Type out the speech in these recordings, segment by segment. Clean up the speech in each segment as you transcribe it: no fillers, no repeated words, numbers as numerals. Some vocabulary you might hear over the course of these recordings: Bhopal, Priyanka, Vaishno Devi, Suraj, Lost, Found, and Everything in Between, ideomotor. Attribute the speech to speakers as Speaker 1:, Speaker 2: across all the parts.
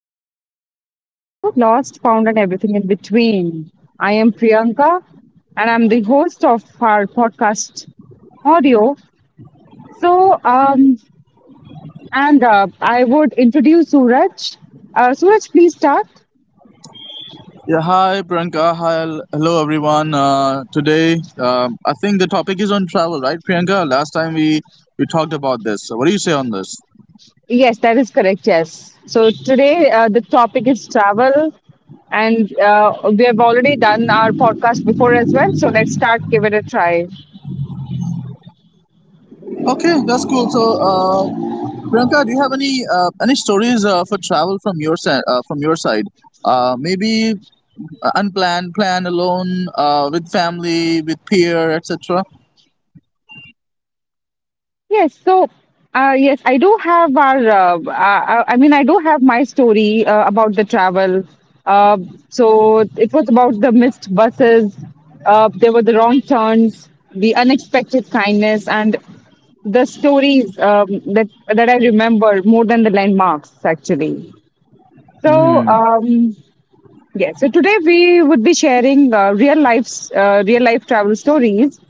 Speaker 1: So, welcome back to Lost, Found, and Everything in Between. I am Priyanka and I'm the host of our podcast audio. So, and I would introduce Suraj. Suraj, please start.
Speaker 2: Yeah, hi Priyanka. Hello everyone. Today I think the topic is on travel, right, Priyanka? Last time we talked about this. So what do you say on this?
Speaker 1: Yes, that is correct. Yes. So, today the topic is travel, and we have already done our podcast before as well. So, let's start, give it a try.
Speaker 2: Okay, that's cool. So, Priyanka, do you have any stories for travel from your side? From your side, maybe unplanned, planned, alone, with family, with peer, etc.
Speaker 1: Yes, so yes, I do have our. I mean, I do have my story about the travel. Uh, so it was about the missed buses. There were the wrong turns, the unexpected kindness, and the stories that I remember more than the landmarks, actually. So. Yes. So today we would be sharing real life travel stories,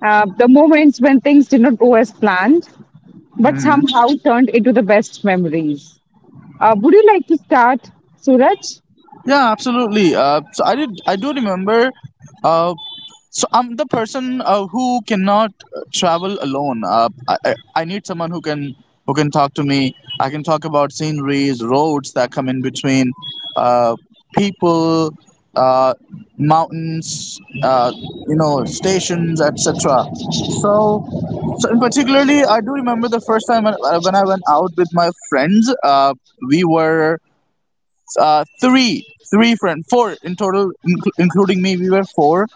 Speaker 1: the moments when things did not go as planned, but
Speaker 2: Hmm.
Speaker 1: somehow turned into the best memories. Would you like to start, Suraj?
Speaker 2: Yeah, absolutely. So I did. I do remember. Uh, so I'm the person who cannot travel alone. I need someone who can talk to me. I can talk about sceneries, roads that come in between, uh, people, uh, mountains, you know, stations, etc. So, so, in particularly, I do remember the first time when I went out with my friends. We were uh, three three friends, four in total, including me, we were four,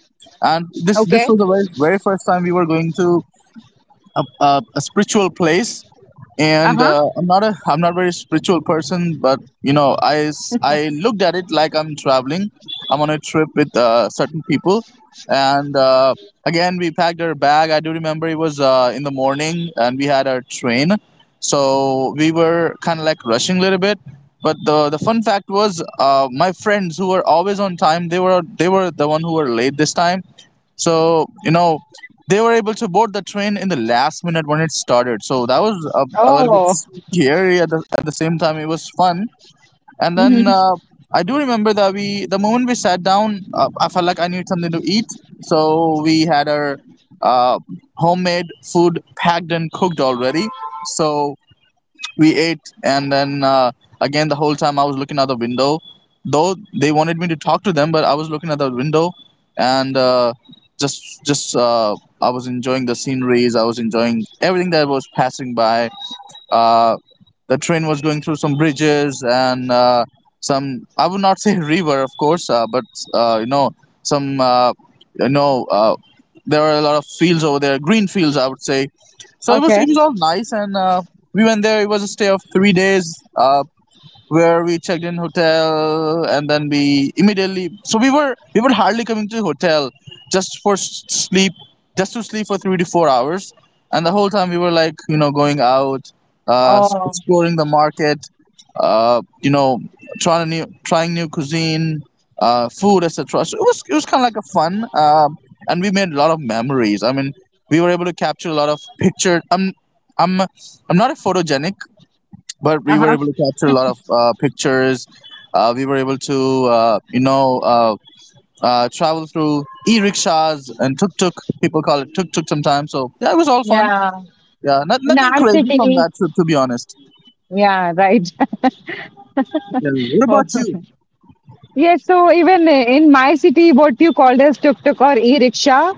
Speaker 2: and this
Speaker 1: Okay.
Speaker 2: was the very, very first time we were going to a spiritual place.
Speaker 1: Uh
Speaker 2: And
Speaker 1: huh.
Speaker 2: I'm not a I'm not very spiritual person, but you know, I looked at it like I'm traveling, I'm on a trip with certain people. And again, we packed our bag. I do remember, it was in the morning and we had our train, so we were kind of like rushing a little bit, but the fun fact was, my friends who were always on time, they were, they were the one who were late this time. So, you know, they were able to board the train in the last minute when it started. So that was a little bit
Speaker 1: Oh.
Speaker 2: scary. At the same time, it was fun. And then,
Speaker 1: Mm-hmm.
Speaker 2: I do remember that the moment we sat down, I felt like I needed something to eat. So we had our uh, homemade food packed and cooked already. So we ate, and then again, the whole time I was looking out the window, though they wanted me to talk to them, but I was looking at the window. And just I was enjoying the sceneries, I was enjoying everything that was passing by. uh, the train was going through some bridges and some. I would not say river, of course, but you know, some. You know, there were a lot of fields over there, green fields, I would say. So it was
Speaker 1: Okay.
Speaker 2: it was all nice. And we went there. It was a stay of 3 days. Uh, where we checked in hotel, and then we immediately, so we were hardly coming to the hotel just for sleep, just to sleep for 3 to 4 hours, and the whole time we were like, you know, going out,
Speaker 1: Oh.
Speaker 2: exploring the market, you know, trying new cuisine, food, etc. So it was kind of like a fun, and we made a lot of memories. I mean, we were able to capture a lot of pictures. I'm not a photogenic, but
Speaker 1: Uh
Speaker 2: we were
Speaker 1: huh.
Speaker 2: able to capture a lot of pictures. We were able to, uh, travel through e-rickshaws and tuk-tuk. People call it tuk-tuk sometimes. So yeah, it was all fun.
Speaker 1: Yeah.
Speaker 2: Yeah,
Speaker 1: In
Speaker 2: nothing
Speaker 1: our
Speaker 2: crazy from
Speaker 1: city.
Speaker 2: that trip, to be honest.
Speaker 1: Yeah. Right.
Speaker 2: Yeah. What
Speaker 1: Oh.
Speaker 2: about you?
Speaker 1: Yes, so even in my city, what you called as tuk-tuk or e-rickshaw,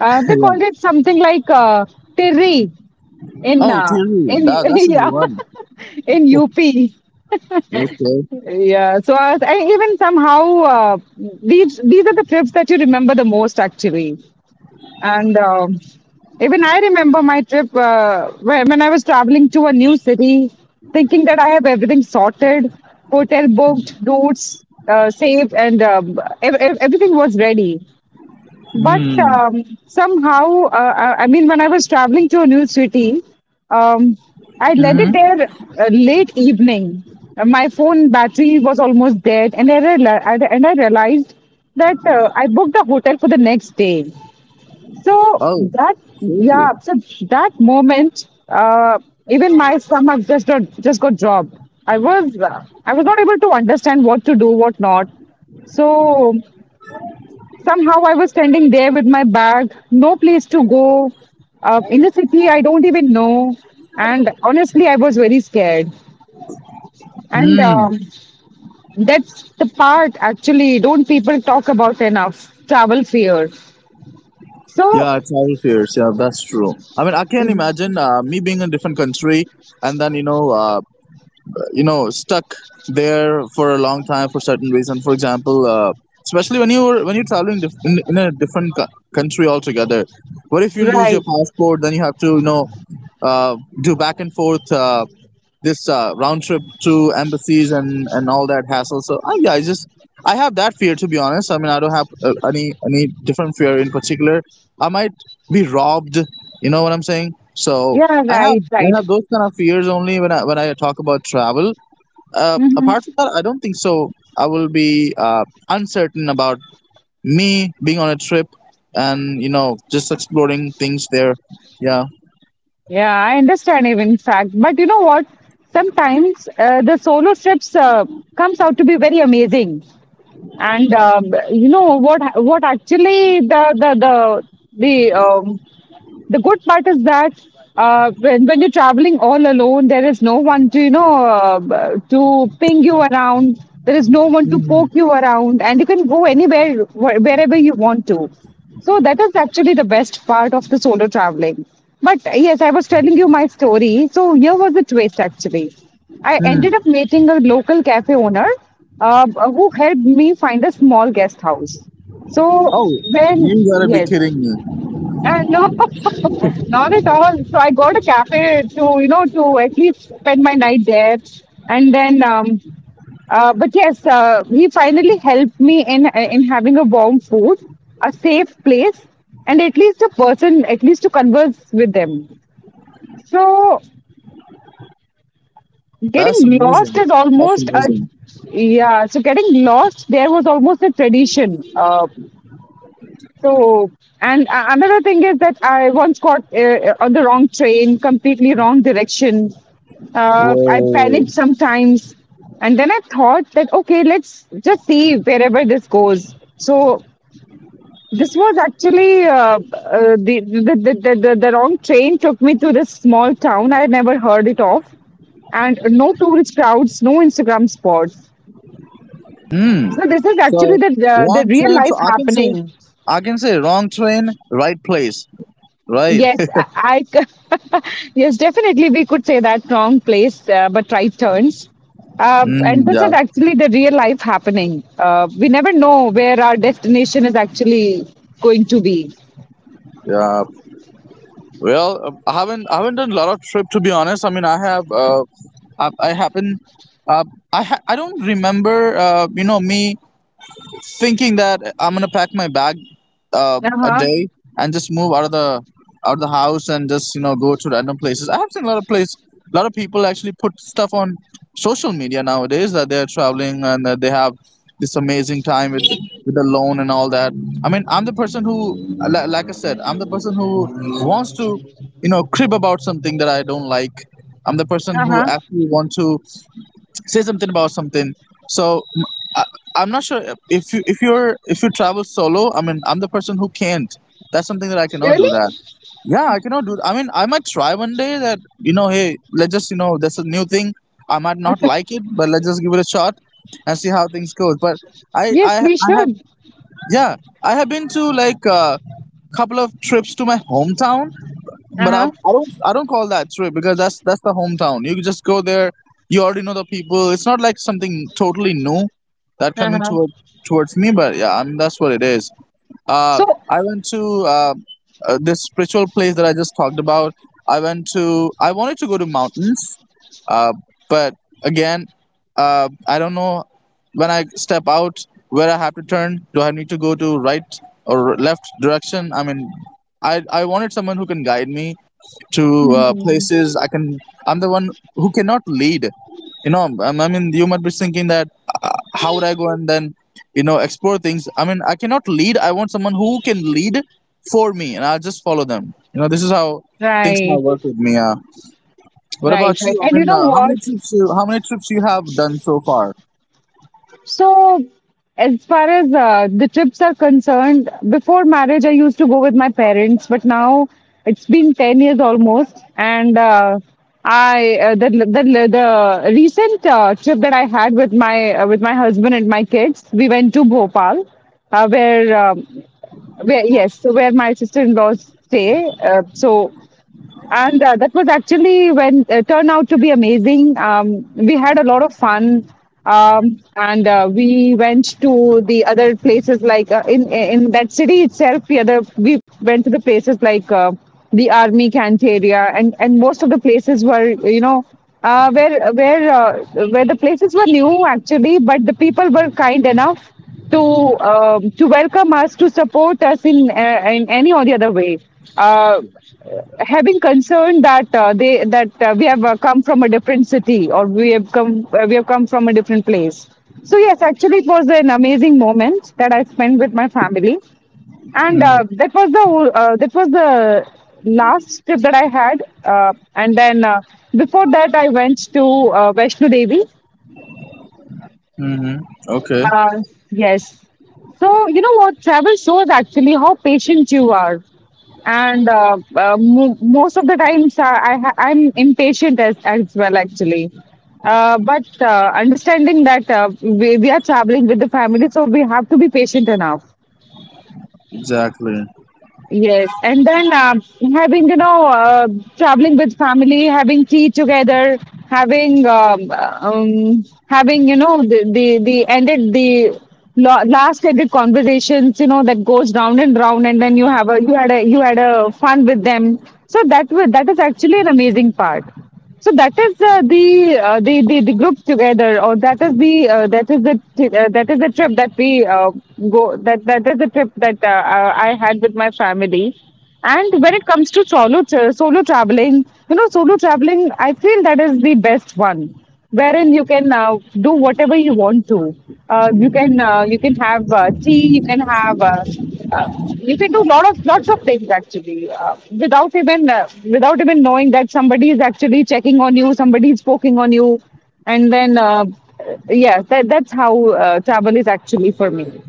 Speaker 1: they
Speaker 2: yeah.
Speaker 1: called it something like tirri in
Speaker 2: Oh,
Speaker 1: uh,
Speaker 2: Thierry,
Speaker 1: in
Speaker 2: that's a new
Speaker 1: yeah
Speaker 2: one.
Speaker 1: in UP.
Speaker 2: Okay.
Speaker 1: Yeah, so I even somehow these are the trips that you remember the most actually. And even I remember my trip when I was traveling to a new city, thinking that I have everything sorted, hotel booked, routes saved, and everything was ready. But
Speaker 2: Hmm.
Speaker 1: somehow, I mean, when I was traveling to a new city, um,
Speaker 2: Mm-hmm.
Speaker 1: I left it there late evening. My phone battery was almost dead, and I realized that I booked a hotel for the next day. So
Speaker 2: Oh,
Speaker 1: that
Speaker 2: seriously.
Speaker 1: yeah, so that moment, even my stomach just got dropped. I was not able to understand what to do, what not. So somehow I was standing there with my bag, no place to go, in a city I don't even know, and honestly I was very scared. And
Speaker 2: Hmm.
Speaker 1: that's the part actually don't people talk about enough travel fear. So
Speaker 2: Yeah, travel fears. Yeah, that's true. I mean, I can't imagine me being in a different country, and then you know, you know, stuck there for a long time for certain reason, for example, especially when you're traveling, in a different country altogether. What if you lose your
Speaker 1: right.
Speaker 2: passport, then you have to, you know, uh, do back and forth, this round trip to embassies and all that hassle. So yeah, I just, I have that fear, to be honest. I mean, I don't have any different fear in particular. I might be robbed, you know what I'm saying? So
Speaker 1: Yeah,
Speaker 2: I have,
Speaker 1: right,
Speaker 2: I
Speaker 1: right.
Speaker 2: have those kind of fears only when I talk about travel.
Speaker 1: Hmm.
Speaker 2: Apart from that, I don't think so. I will be uncertain about me being on a trip, and you know, just exploring things there. Yeah.
Speaker 1: Yeah, I understand, even fact. But you know what? Sometimes the solo trips comes out to be very amazing, and What actually the um, the good part is that when you're traveling all alone, there is no one to, to ping you around. There is no one to poke
Speaker 2: Mhm.
Speaker 1: you around, and you can go anywhere, wherever you want to. So that is actually the best part of the solo traveling. But yes, I was telling you my story. So here was the twist actually. I
Speaker 2: Hmm.
Speaker 1: ended up meeting a local cafe owner who helped me find a small guest house. So
Speaker 2: Oh,
Speaker 1: when
Speaker 2: you gotta be
Speaker 1: yes,
Speaker 2: kidding me!
Speaker 1: and no, not at all. So I got a cafe to, you know, to at least spend my night there. And then, but yes, he finally helped me in having a warm food, a safe place, and at least a person, at least to converse with them. So
Speaker 2: That's
Speaker 1: getting lost
Speaker 2: amazing.
Speaker 1: is
Speaker 2: That's
Speaker 1: almost a
Speaker 2: amazing.
Speaker 1: yeah. So getting lost there was almost a tradition. So, and Another thing is that I once got on the wrong train, completely wrong direction. I
Speaker 2: Whoa.
Speaker 1: panicked sometimes. And then I thought that, okay, let's just see wherever this goes. So, this was actually the wrong train took me to this small town. I had never heard it of. And no tourist crowds, no Instagram spots.
Speaker 2: Hmm.
Speaker 1: So, this is
Speaker 2: So
Speaker 1: actually the
Speaker 2: wrong
Speaker 1: real
Speaker 2: train. So
Speaker 1: life
Speaker 2: I can say,
Speaker 1: happening.
Speaker 2: I can say wrong train, right place. Right.
Speaker 1: Yes, yes, definitely we could say that wrong place, but right turns.
Speaker 2: Mm,
Speaker 1: And this
Speaker 2: yeah.
Speaker 1: is actually the real life happening. We never know where our destination is actually going to be.
Speaker 2: Yeah. Well, I haven't done a lot of trip, to be honest. I mean, I have I happen uh, I ha- I don't remember you know, me thinking that I'm gonna pack my bag
Speaker 1: Uh
Speaker 2: a
Speaker 1: huh.
Speaker 2: day and just move out of the, out of the house, and just, you know, go to random places. I have seen a lot of place, a lot of people actually put stuff on social media nowadays that they're traveling and that they have this amazing time with the loan and all that. I mean, I'm the person who, li- like I said, I'm the person who wants to, you know, crib about something that I don't like. I'm the person
Speaker 1: Uh
Speaker 2: who
Speaker 1: huh.
Speaker 2: actually want to say something about something. so m- I, I'm not sure if you travel solo. I mean, I'm the person who can't, that's something that I cannot
Speaker 1: Really?
Speaker 2: do that. Yeah, I cannot do. I mean, I might try one day that, you know, hey, let's just, you know, that's a new thing, I might not like it, but let's just give it a shot and see how things goes. But i
Speaker 1: Yes,
Speaker 2: i,
Speaker 1: we
Speaker 2: I have,
Speaker 1: should.
Speaker 2: yeah, I have been to like a couple of trips to my hometown,
Speaker 1: Uh
Speaker 2: but
Speaker 1: huh.
Speaker 2: I don't call that trip, because that's the hometown. You could just go there. You already know the people. It's not like something totally new that
Speaker 1: Uh
Speaker 2: coming
Speaker 1: huh.
Speaker 2: towards me. But yeah, I mean, that's what it is. Uh,
Speaker 1: So,
Speaker 2: I went to uh, this spiritual place that I just talked about. I wanted to go to mountains, uh, but again, I don't know when I step out where I have to turn. Do I need to go to right or left direction? I mean, I wanted someone who can guide me to
Speaker 1: hmm,
Speaker 2: places I can. I'm the one who cannot lead. You know, I mean, you might be thinking that uh, how would I go and then, you know, explore things. I mean, I cannot lead, I want someone who can lead for me, and I'll just follow them. You know, this is how things
Speaker 1: right,
Speaker 2: might work with me. What about you?
Speaker 1: right.
Speaker 2: I
Speaker 1: And you
Speaker 2: mean,
Speaker 1: know
Speaker 2: uh, how many
Speaker 1: what?
Speaker 2: trips you how many trips you have done so far?
Speaker 1: So, as far as the trips are concerned, before marriage, I used to go with my parents, but now it's been 10 years almost. And I the recent trip that I had with my husband and my kids, we went to Bhopal, uh, where um, where yes, so where my sister-in-laws stay. So and That was actually when turned out to be amazing. We had a lot of fun, and we went to the other places like in that city itself. The other We went to the places like the Army Cant area, and most of the places were where the places were new actually, but the people were kind enough to to welcome us, to support us in any or the other way. Uh, Having concern that they that we have come from a different city or we have come from a different place. So yes, actually, it was an amazing moment that I spent with my family, and
Speaker 2: Mm-hmm.
Speaker 1: that was the last trip that I had. And then Before that, I went to Vaishno Devi
Speaker 2: Okay.
Speaker 1: uh, yes. So, you know what? Travel shows actually how patient you are. And mo most of the times, I'm impatient as well, actually. But Understanding that we are traveling with the family, so we have to be patient enough.
Speaker 2: Exactly.
Speaker 1: Yes, and then having traveling with family, having tea together, having having you know the ended the lo- last ended conversations you know that goes round and round, and then you have a you had a you had a fun with them. That is actually an amazing part. So that is the group together, or that is the t- that is the trip that we go that That is the trip that I had with my family. And when it comes to solo traveling, you know, solo traveling, I feel that is the best one, wherein you can do whatever you want to. You can have tea. You can have uh, you can do lot of lots of things actually without even knowing that somebody is actually checking on you. Somebody is poking on you, and then yeah, that's how travel is actually for me.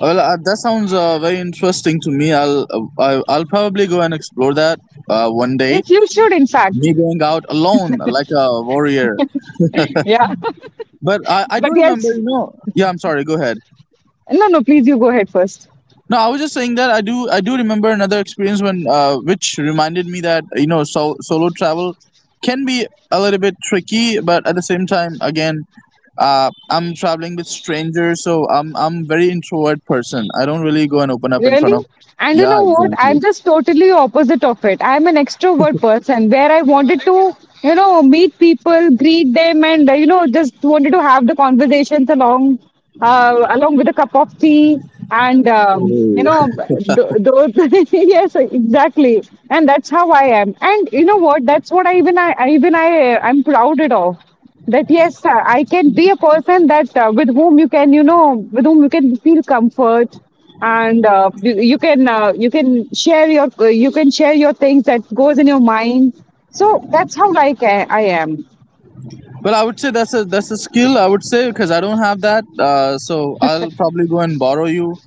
Speaker 2: Well, that sounds very interesting to me. I'll I'll probably go and explore that one day.
Speaker 1: Yes, you should in fact.
Speaker 2: Me going out alone like a warrior.
Speaker 1: Yeah,
Speaker 2: But I do
Speaker 1: but
Speaker 2: remember,
Speaker 1: yes,
Speaker 2: you know. Yeah, I'm sorry. Go ahead.
Speaker 1: no, no. Please, you go ahead first.
Speaker 2: No, I was just saying that I do remember another experience when, which reminded me that, you know, so solo travel can be a little bit tricky. But at the same time, again, I'm traveling with strangers, so I'm very introvert person. I don't really go and open up in front
Speaker 1: Really?
Speaker 2: of.
Speaker 1: And you
Speaker 2: Yeah,
Speaker 1: know what?
Speaker 2: exactly.
Speaker 1: I'm just totally opposite of it. I'm an extrovert person where I wanted to, you know, meet people, greet them, and you know, just wanted to have the conversations along, along with a cup of tea, and you
Speaker 2: Oh.
Speaker 1: know, those. Yes, exactly. And that's how I am. And you know what? That's what I even I I'm proud it of that yes sir, I can be a person that with whom you can with whom you can feel comfort and you can you can share your things that goes in your mind so that's how I am
Speaker 2: Well, I would say that's a skill, I would say, because I don't have that. Uh, so I'll probably go and borrow you,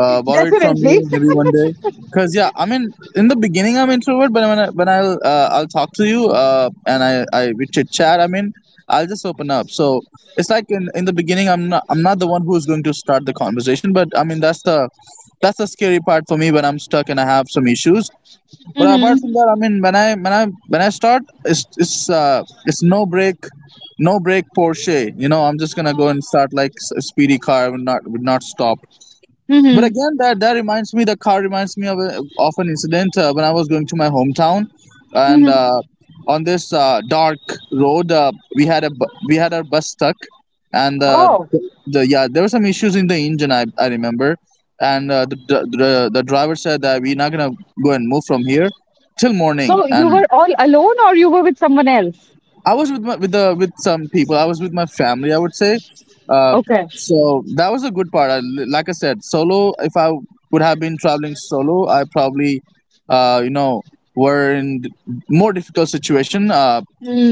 Speaker 2: borrow it from
Speaker 1: definitely
Speaker 2: you maybe one day. Cause yeah, I mean, in the beginning I'm introvert, but when I'll talk to you, and I we chit chat. I mean, I'll just open up. So it's like in the beginning I'm not, I'm not the one who's going to start the conversation. But I mean, that's the scary part for me when I'm stuck and I have some issues. But apart
Speaker 1: Mm-hmm.
Speaker 2: from that, I mean, when I when I start, it's no break, no break Porsche. You know, I'm just gonna go and start like, a speedy car would not, would not stop. But
Speaker 1: Mm-hmm.
Speaker 2: again, that, that reminds me. The car reminds me of of an incident when I was going to my hometown. And
Speaker 1: Mm-hmm.
Speaker 2: on this dark road, we had we had our bus stuck. And
Speaker 1: Oh
Speaker 2: the yeah, there were some issues in the engine. I remember, and the, the driver said that we're not gonna go and move from here till morning,
Speaker 1: so you
Speaker 2: and
Speaker 1: were all alone or you were with someone else
Speaker 2: I was with some people. I was with my family. I would say, uh,
Speaker 1: okay.
Speaker 2: so that was a good part. Like I said, solo. If I would have been traveling solo, I probably, uh, you know, were in more difficult situation. Uh,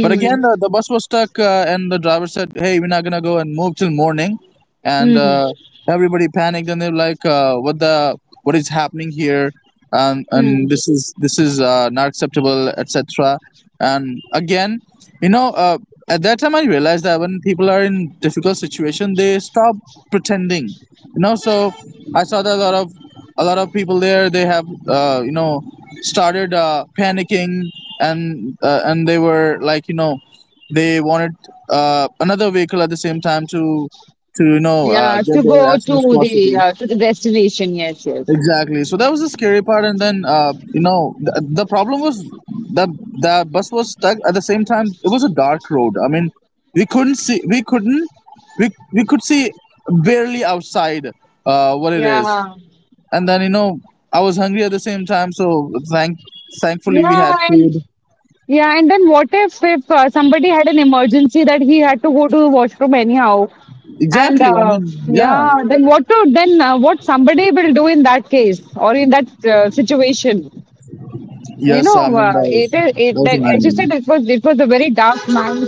Speaker 2: but again, the bus was stuck, and the driver said, "Hey, we're not gonna go and move till morning," and
Speaker 1: Mm.
Speaker 2: everybody panicked, and they're like, "What the? What is happening here?" Um,
Speaker 1: Mm.
Speaker 2: and this is not acceptable, etc. And again, you know uh, at that time I realized that when people are in difficult situation they stop pretending. So I saw that a lot of people there, they have started panicking, and they were like, they wanted another vehicle at the same time to
Speaker 1: Yeah
Speaker 2: get
Speaker 1: to
Speaker 2: there
Speaker 1: go
Speaker 2: as soon as possible.
Speaker 1: to the destination yes yes.
Speaker 2: Exactly. So that was the scary part, and then the problem was the the bus was stuck. At the same time, it was a dark road. I mean, we couldn't see. We couldn't. We could see barely outside. What it is,
Speaker 1: Yeah.
Speaker 2: and then I was hungry at the same time. So thankfully we
Speaker 1: Yeah,
Speaker 2: had
Speaker 1: and
Speaker 2: food.
Speaker 1: yeah, and then what if somebody had an emergency that he had to go to the washroom anyhow, and
Speaker 2: Exactly. I mean, yeah.
Speaker 1: yeah, then what to then what somebody will do in that case or in that situation? You
Speaker 2: Yes. I
Speaker 1: know,
Speaker 2: mean that was
Speaker 1: it is
Speaker 2: that
Speaker 1: it
Speaker 2: was a
Speaker 1: that as you
Speaker 2: nightmare.
Speaker 1: said, it was a very dark night,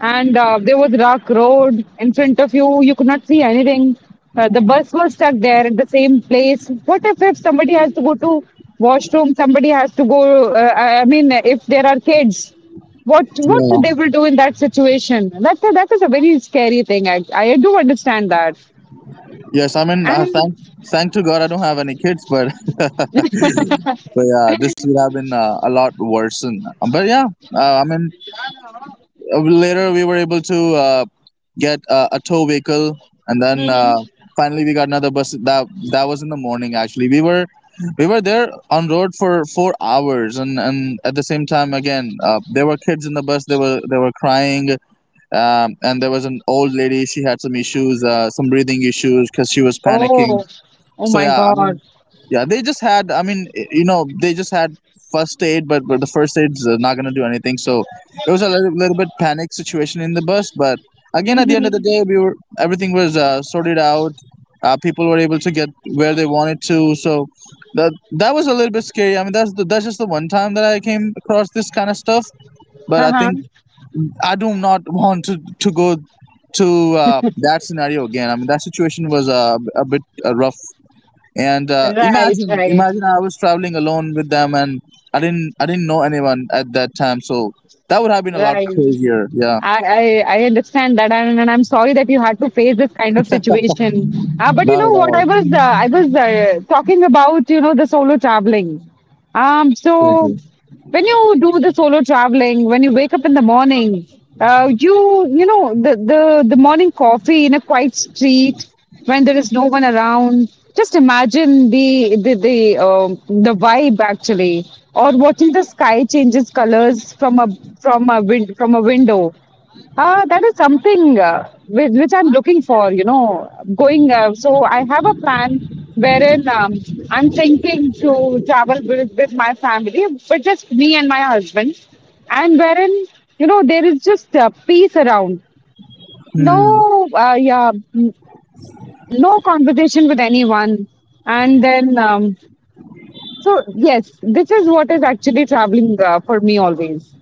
Speaker 1: and there was dark road in front of you. You could not see anything. The bus was stuck there at the same place. What if somebody has to go to washroom, somebody has to go. I mean, if there are kids, what
Speaker 2: Yeah.
Speaker 1: they will do in that situation? That is a very scary thing. I do understand that.
Speaker 2: Yes. I mean,
Speaker 1: And
Speaker 2: thank to God I don't have any kids, but But yeah, this would have been a lot worsen. But yeah, I mean, later we were able to get a tow vehicle, and then finally we got another bus. That was in the morning. Actually, we were there on road for 4 hours, and at the same time, again, there were kids in the bus. They were crying, and there was an old lady. She had some issues, some breathing issues, because she was panicking.
Speaker 1: oh, oh
Speaker 2: So
Speaker 1: my
Speaker 2: yeah, I
Speaker 1: God.
Speaker 2: mean, yeah, they just had. I mean, they just had first aid, but the first aid's not gonna do anything. So it was a little, little bit panic situation in the bus. But again, at the end of the
Speaker 1: Mm-hmm.
Speaker 2: day, we were everything was sorted out. People were able to get where they wanted to. So that that was a little bit scary. I mean, that's just the one time that I came across this kind of stuff. But I
Speaker 1: Uh-huh.
Speaker 2: think I do not want to go to that scenario again. I mean, that situation was a bit rough, and
Speaker 1: Right, right.
Speaker 2: imagine I was traveling alone with them, and I didn't know anyone at that time, so that would have been a lot
Speaker 1: Right.
Speaker 2: crazier. Yeah.
Speaker 1: I, I understand that, and I'm sorry that you had to face this kind of situation. But you
Speaker 2: Not at
Speaker 1: know what?
Speaker 2: all.
Speaker 1: I was talking about you know the solo traveling. So
Speaker 2: Exactly.
Speaker 1: when you do the solo traveling, when you wake up in the morning, you you know the morning coffee in a quiet street when there is no one around. Just imagine the vibe actually, or watching the sky changes colors from a from a window. Ah, that is something which I'm looking for, you know, going. So I have a plan wherein I'm thinking to travel with my family, but just me and my husband, and wherein, you know, there is just peace around.
Speaker 2: Hmm.
Speaker 1: No, no conversation with anyone. And then, so yes, this is what is actually traveling for me always.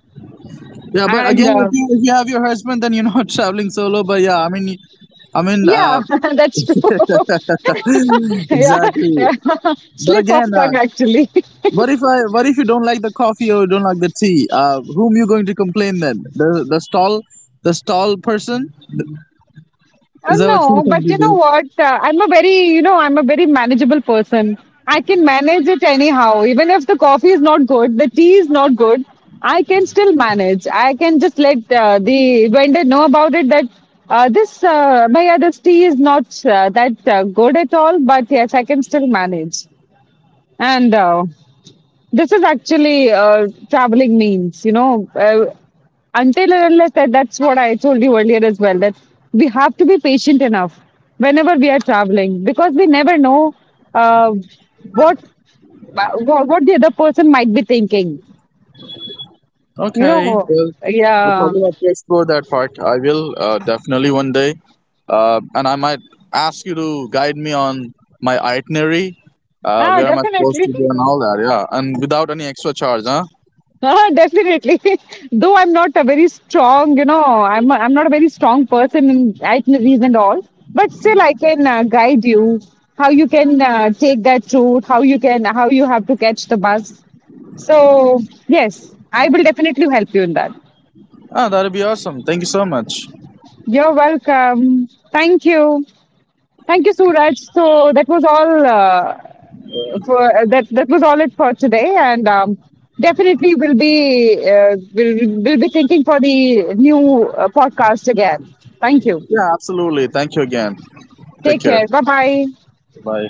Speaker 2: Yeah, but
Speaker 1: And.
Speaker 2: again, if you have your husband, then you're not traveling solo. But yeah, I mean,
Speaker 1: Yeah, that's true. yeah,
Speaker 2: exactly.
Speaker 1: yeah.
Speaker 2: But
Speaker 1: Slip
Speaker 2: again,
Speaker 1: of tongue, actually.
Speaker 2: what if you don't like the coffee or you don't like the tea? Whom you going to complain then? The stall, the stall person? Is that what you
Speaker 1: No,
Speaker 2: going
Speaker 1: but
Speaker 2: to
Speaker 1: you know
Speaker 2: do?
Speaker 1: what? I'm a very manageable person. I can manage it anyhow. Even if the coffee is not good, the tea is not good, I can still manage. I can just let the vendor know about it that bhaiya, this tea is not that good at all, but yes, I can still manage. And this is actually traveling means, you know, until and unless that, that's what I told you earlier as well, that we have to be patient enough whenever we are traveling because we never know uh, what, what the other person might be thinking. You
Speaker 2: Okay,
Speaker 1: know,
Speaker 2: well, I'll
Speaker 1: yeah.
Speaker 2: probably have to explore that part. I will definitely one day, and I might ask you to guide me on my itinerary,
Speaker 1: Ah,
Speaker 2: where am I supposed
Speaker 1: definitely.
Speaker 2: to go and all that. Yeah, and without any extra charge, huh?
Speaker 1: Ah, definitely. Though I'm not a very strong person in itineraries and all, but still I can guide you how you can how you have to catch the bus. So yes, I will definitely help you in that.
Speaker 2: Ah, that'd be awesome. Thank you so much.
Speaker 1: You're welcome. Thank you. Thank you, Suraj. So that was all. For that That was all it for today, and definitely we'll be thinking for the new podcast again. Thank you.
Speaker 2: Yeah, absolutely. Thank you again. Take
Speaker 1: Take
Speaker 2: care.
Speaker 1: care. Bye bye.
Speaker 2: Bye.